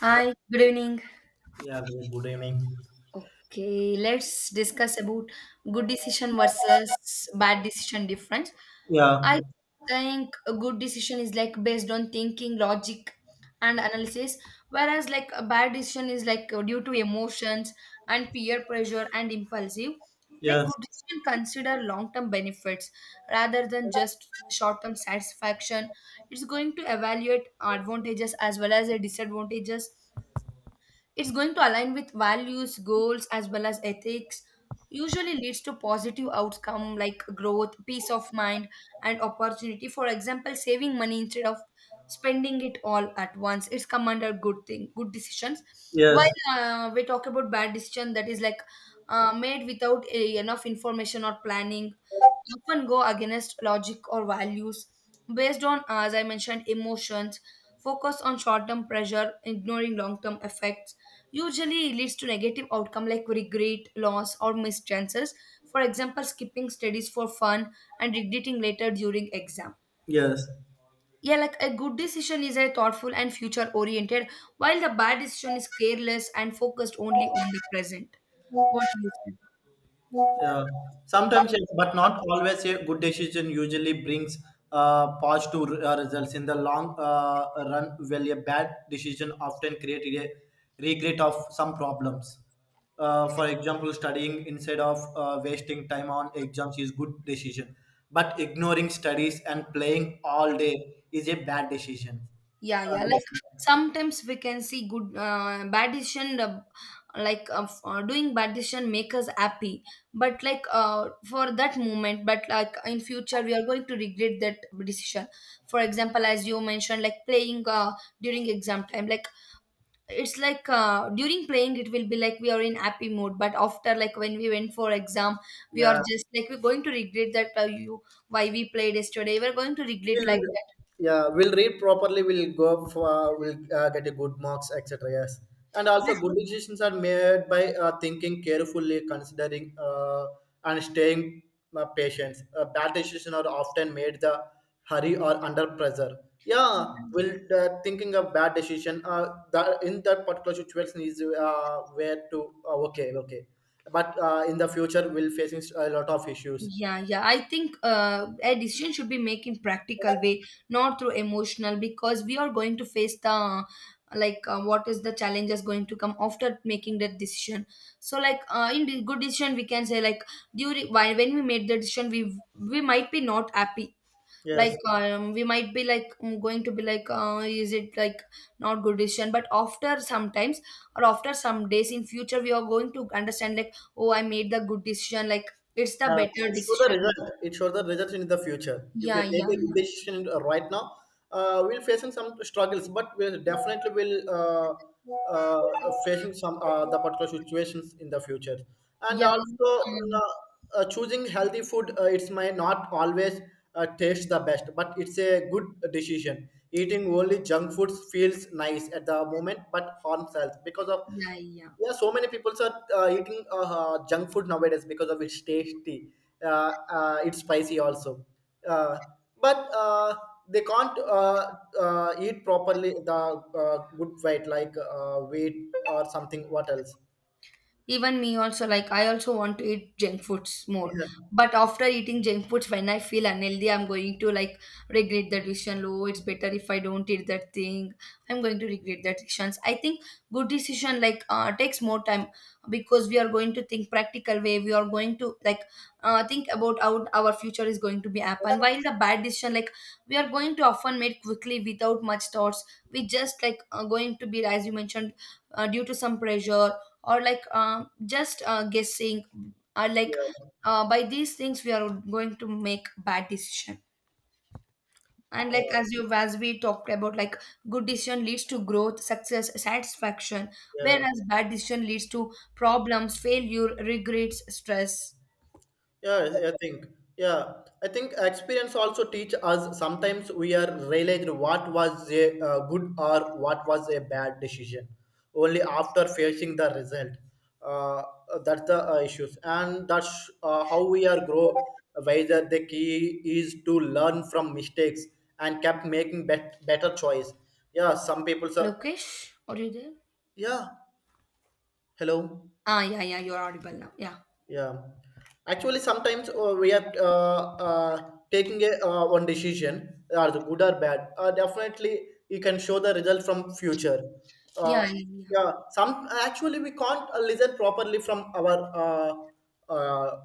Hi, good evening. Yeah, good evening. Okay, let's discuss about good decision versus bad decision difference. Yeah, I think a good decision is like based on thinking, logic, and analysis, whereas like a bad decision is like due to emotions and peer pressure and impulsive. Like yes, good decision consider long-term benefits rather than just short-term satisfaction. It's going to evaluate advantages as well as the disadvantages, it's going to align with values, goals, as well as ethics. Usually leads to positive outcome like growth, peace of mind, and opportunity. For example, saving money instead of spending it all at once. It's come under good thing, good decisions. While yes, uh, we talk about bad decision that is like made without enough information or planning, often go against logic or values, based on, as I mentioned, emotions, focus on short term pressure, ignoring long term effects, usually leads to negative outcome like regret, loss or missed chances. For example, skipping studies for fun and regretting later during exam. yes. Yeah, like a good decision is a thoughtful and future oriented, while the bad decision is careless and focused only on the present. What do you think? Yeah. Sometimes, yes, but not always. A good decision usually brings positive results in the long run. While a bad decision often creates a regret of some problems. For example, studying instead of wasting time on exams is good decision, but ignoring studies and playing all day is a bad decision. Yeah, Uh, yeah. Like sometimes we can see good, bad decision, doing bad decision make us happy. But like for that moment, but like in future we are going to regret that decision. For example, as you mentioned, like playing during exam time, like it's like during playing it will be like we are in happy mode. But after, like when we went for exam, we are yeah. just like we're going to regret that you why we played yesterday. We're going to regret like We'll, that. yeah, we'll read properly. We'll go for we'll get a good marks, etc. Yes, and also good decisions are made by thinking carefully, considering and staying patient. Bad decisions are often made the hurry or under pressure. Yeah, But will thinking of bad decision. That in that particular situation is where to okay, okay, but in the future we'll facing a lot of issues. yeah, yeah. I think a decision should be made in practical way, not through emotional, because we are going to face the, like what is the challenges going to come after making that decision. So like in the good decision, we can say like, during while when we made the decision, we might be not happy, like Yes. We might be like, going to be like is it like not good decision, but after sometimes or after some days, in future we are going to understand like, oh, I made the good decision, like it's the Yeah, better it shows the decision. result. It shows the result in the future. If Yeah, you yeah, take a yeah. good decision right now, we'll facing some struggles, but we'll definitely will facing some the particular situations in the future. And Yeah. also, choosing healthy food, it might not always taste the best, but it's a good decision. Eating only junk foods feels nice at the moment, but harms health because of, Yeah, yeah. yeah, so many people are eating junk food nowadays because of its tasty. Uh, it's spicy also, uh, but they can't eat properly the good weight like wheat or something. What else? Even me also, like I also want to eat junk foods more. Yeah, But after eating junk foods, when I feel unhealthy, I'm going to like regret that decision. Oh, it's better if I don't eat that thing. I'm going to regret that decisions. I think good decision like takes more time, because we are going to think practical way. We are going to like think about how our future is going to be happen. While the bad decision, like we are going to often made quickly without much thoughts. We just like are going to be, as you mentioned, due to some pressure, or like just guessing, or like yeah, by these things we are going to make bad decision. And like, uh, as you, as we talked about, like good decision leads to growth, success, satisfaction, yeah. whereas bad decision leads to problems, failure, regrets, stress. Yeah, I think. Yeah, I think experience also teach us sometimes we are realized what was a good or what was a bad decision only after facing the result. Uh, that's the issues, and that's how we are grow wiser. The key is to learn from mistakes and kept making better choice. Yeah, some people. So Lokesh, are you there? yeah, hello. Ah, yeah, yeah, you're audible now. Yeah, Yeah, actually, sometimes we are taking a one decision, are the good or bad. Definitely, you can show the result from future. yeah, Uh, yeah, yeah. yeah, some actually we can't listen properly from our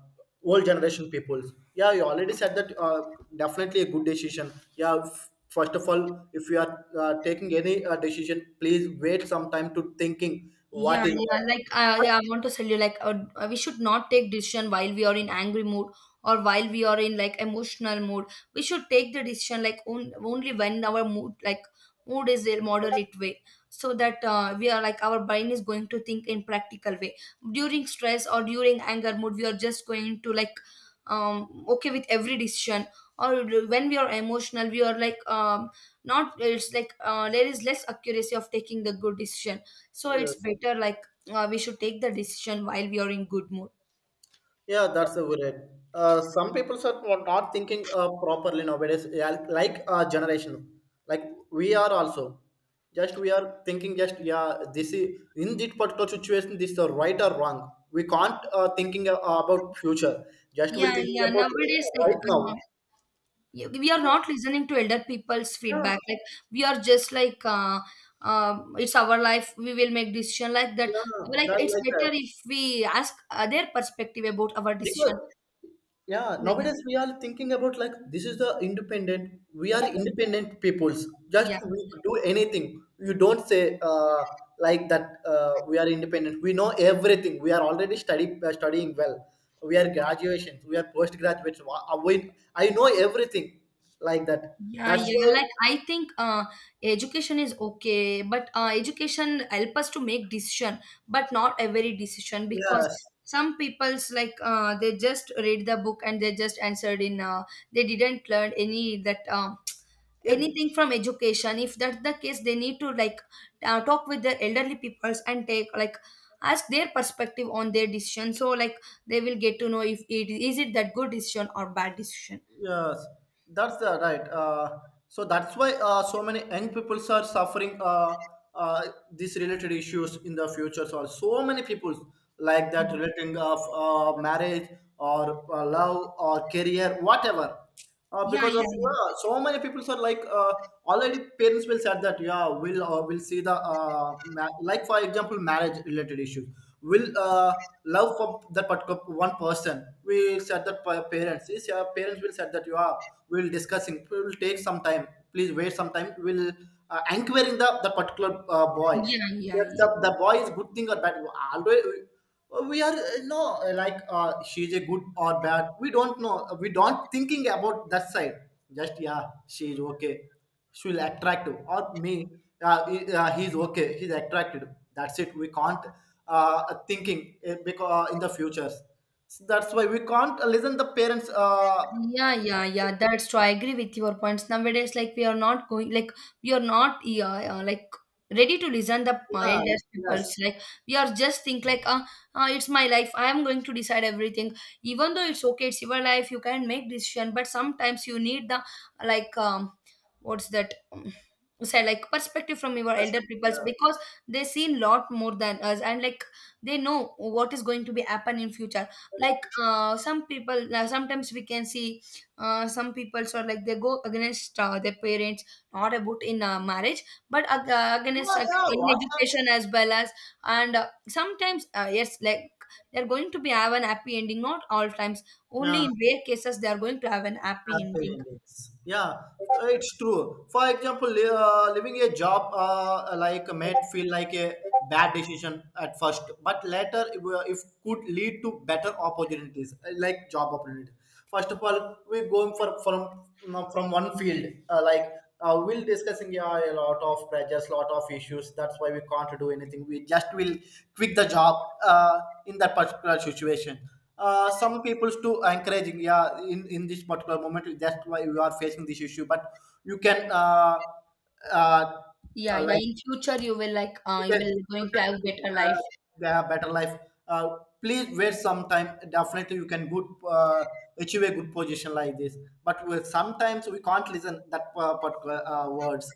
old generation people. Yeah, you already said that. Definitely a good decision. Yeah, first of all, if you are taking any decision, please wait some time to thinking Yeah, what is yeah. what. Like I, But, I want to tell you, like we should not take decision while we are in angry mood, or while we are in like emotional mood. We should take the decision like on, only when our mood, like mood is a moderate way, so that we are like our brain is going to think in practical way. During stress or during anger mood, we are just going to like okay with every decision. Or when we are emotional, we are like, not. It's like there is less accuracy of taking the good decision, so it's yes. better like we should take the decision while we are in good mood. Yeah, that's a good. Some people are not thinking properly nowadays. Yeah, like our generation, like we are also. Just we are thinking just yeah, this is in this particular situation, this is right or wrong. We can't thinking about future. Just we'll Yeah, thinking yeah. about Nowadays, like right now. We are Yeah, not listening to elder people's yeah, feedback. Like we are just like it's our life. We will make decision like that. yeah, Like that's it's like that. better if we ask their perspective about our decision. Because, yeah, Yeah, nowadays we are thinking about like this is the independent. We are independent peoples. Just yeah. we do anything. You don't say like that. We are independent. We know everything. We are already studying well. We are graduations. We are postgraduates. I know everything like that. Yeah, That's yeah. why. Like I think education is okay, but education help us to make decision, but not every decision because Yes. some people's like they just read the book and they just answered in they didn't learn any that Yeah. anything from education. If that's the case, they need to like talk with the elderly peoples and take like ask their perspective on their decision. So like they will get to know if it is it that good decision or bad decision. Yes, that's right. So that's why so many young people are suffering uh, these related issues in the future. So many people like that relating of marriage or love or career, whatever Yeah, because of, yeah, yeah, yeah, so many people are like already parents will said that yeah will see the like for example marriage related issues will love from that particular one person we said that parents is yeah, parents will said that you are will discussing it will take some time please wait some time will anchoring the particular boy. yeah, yeah. That's Yeah. The boy is good thing or bad, always we are no, like she's a good or bad, we don't know, we don't thinking about that side, just yeah she's okay, she'll attractive or me, he's okay, he's attracted, that's it, we can't uh, thinking because in the futures, so that's why we can't listen the parents Yeah, yeah, yeah. That's true. I agree with your points. Nowadays, like we are not going, like we are not, yeah, like ready to listen the yeah, elders yes, peoples. Like we are just think like, it's my life. I am going to decide everything. Even though it's okay, it's your life. You can make decision, but sometimes you need the, like, what's that? Say like perspective from your that's, elder peoples, yeah. because they seen lot more than us, and like they know what is going to be happen in future. Like some people sometimes we can see some people are like they go against their parents, not about in marriage, but against Yeah, yeah, in education as well. As and sometimes yes, like they're going to be have an happy ending, not all times. Only yeah. in rare cases they are going to have an happy Happy ending. endings. Yeah, it's true. For example, leaving a job like might feel like a bad decision at first, but later if could lead to better opportunities like job opportunities. First of all, we're going for from no, from one field like we'll discussing yeah, a lot of pressures, lot of issues. That's why we can't do anything. We just will quit the job in that particular situation. Some people's to encouraging yeah in this particular moment that's why you are facing this issue, but you can uh, Yeah, yeah, like in future you will like you you can, will going to have you can better life. uh, they have better life. uh, Please wait some time, definitely you can good achieve a good position like this, but sometimes we can't listen that particular words.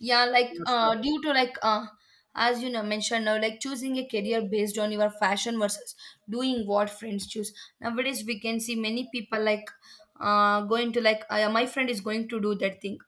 Yeah, like Yes, sir. Due to like as you know mentioned now, like choosing a career based on your fashion versus doing what friends choose. Nowadays we can see many people like going to like my friend is going to do that thing,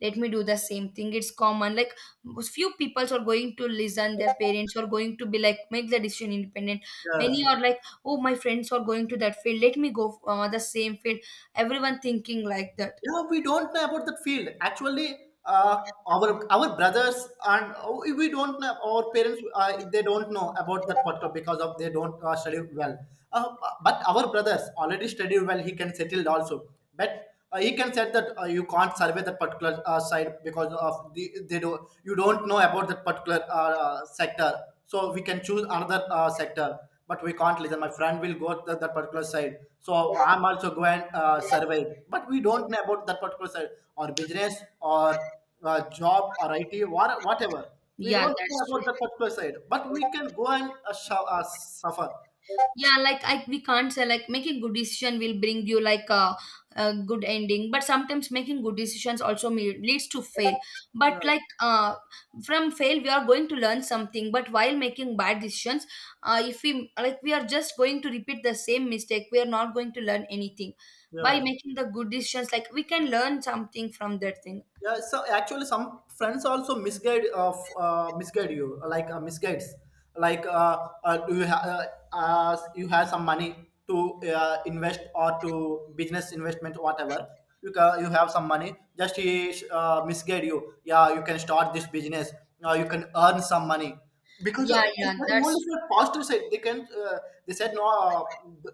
let me do the same thing. It's common. Like few people are going to listen their parents or going to be like make the decision independent. Many Yes. are like, oh, my friends are going to that field, let me go the same field. Everyone thinking like that. Yeah, we don't know about that field. Actually, our brothers and we don't know our parents. They don't know about that particular because of they don't study well. Uh, but our brothers already studied well. He can settle also, but. He can said that you can't survey that particular side because of the they do you don't know about that particular sector, so we can choose another sector but we can't listen. My friend will go to that particular side, so I'm also go and survey. But we don't know Yeah, about that particular side or business or job or IT or whatever. We yeah, don't that's know true. about that particular side, but we can go and suffer. Yeah, like I, we can't say like making good decision will bring you like a good ending, but sometimes making good decisions also leads to fail. But Yes, like from fail we are going to learn something, but while making bad decisions, if we like we are just going to repeat the same mistake, we are not going to learn anything. By yes. making the good decisions, like we can learn something from that thing. Yeah, so actually, some friends also misguide you, like misguides, like you have some money to invest or to business investment whatever. You have some money, just he misguide you. Yeah, you can start this business. You can earn some money because of Yeah, I yeah, said that's. only for positive side they can they said no,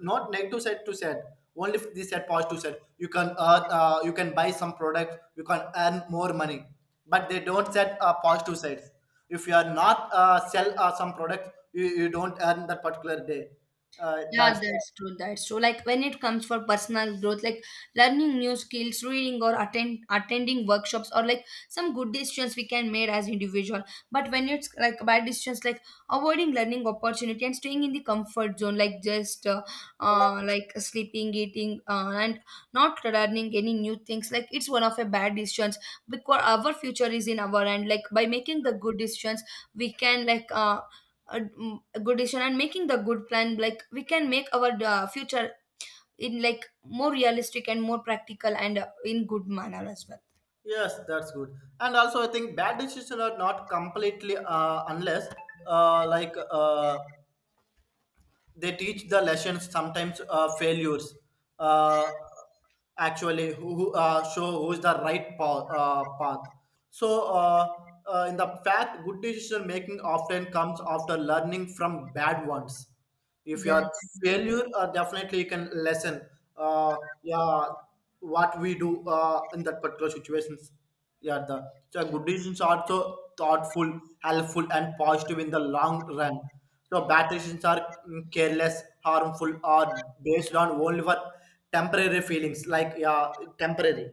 not negative side to said, only if they said positive side you can buy some product you can earn more money, but they don't said positive sides, if you are not sell some product you don't earn that particular day Yeah, that's. that's true. That's true. Like when it comes for personal growth, like learning new skills, reading or attending workshops, or like some good decisions we can make as individual. But when it's like bad decisions, like avoiding learning opportunity and staying in the comfort zone, like just like sleeping, eating, and not learning any new things, like it's one of a bad decisions, because our future is in our hand. Like by making the good decisions, we can like a, a good decision and making the good plan, like we can make our future in like more realistic and more practical and in good manner as well. Yes, that's good. And also I think bad decisions are not completely unless like they teach the lessons, sometimes failures uh, actually show who's the right path. So in the fact good decision making often comes after learning from bad ones. If you Yeah, are yeah. failure definitely you can lesson uh, yeah, what we do in that particular situations, yeah, the so good decisions are so thoughtful, helpful, and positive in the long run. So bad decisions are careless, harmful, or based on only for temporary feelings, like yeah, temporary.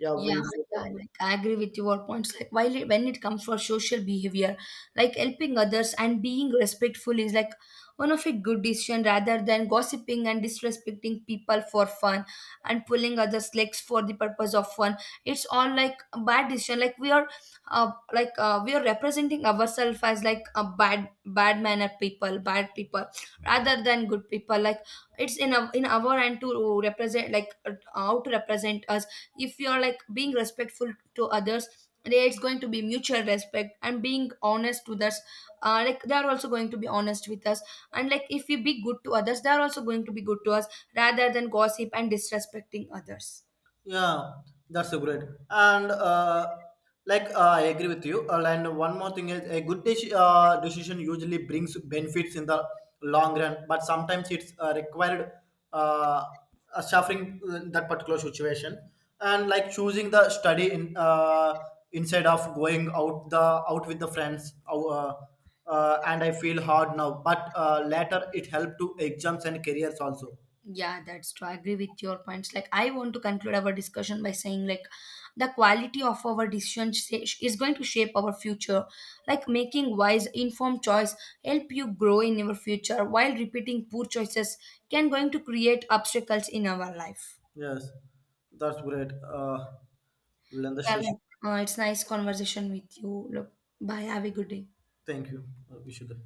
Yeah, Yeah, will be. yeah, like I agree with your points. Like while it, when it comes for social behavior, like helping others and being respectful is like one of a good decision, rather than gossiping and disrespecting people for fun and pulling others' legs for the purpose of fun. It's all like a bad decision. Like we are, we are representing ourselves as like a bad mannered people, bad people, rather than good people. Like it's in our, in our hand to represent, like how to represent us. If you're like being respectful to others, there it's going to be mutual respect, and being honest to others, like they're also going to be honest with us. And like if we be good to others, they're also going to be good to us, rather than gossip and disrespecting others. Yeah, that's a great. And like I agree with you. And one more thing is a good decision usually brings benefits in the long run, but sometimes it's required uh, suffering in that particular situation. And like choosing the study in instead of going out the out with the friends. And I feel hard now, but later it helped to exams and careers also. Yeah, that's true. I agree with your points. Like, I want to conclude our discussion by saying, like, the quality of our decision is going to shape our future. Like, making wise, informed choice help you grow in your future, while repeating poor choices can going to create obstacles in our life. Yes, that's great. We'll end the Yeah, session. like, it's nice conversation with you. Look, bye. Have a good day. Thank you. We should.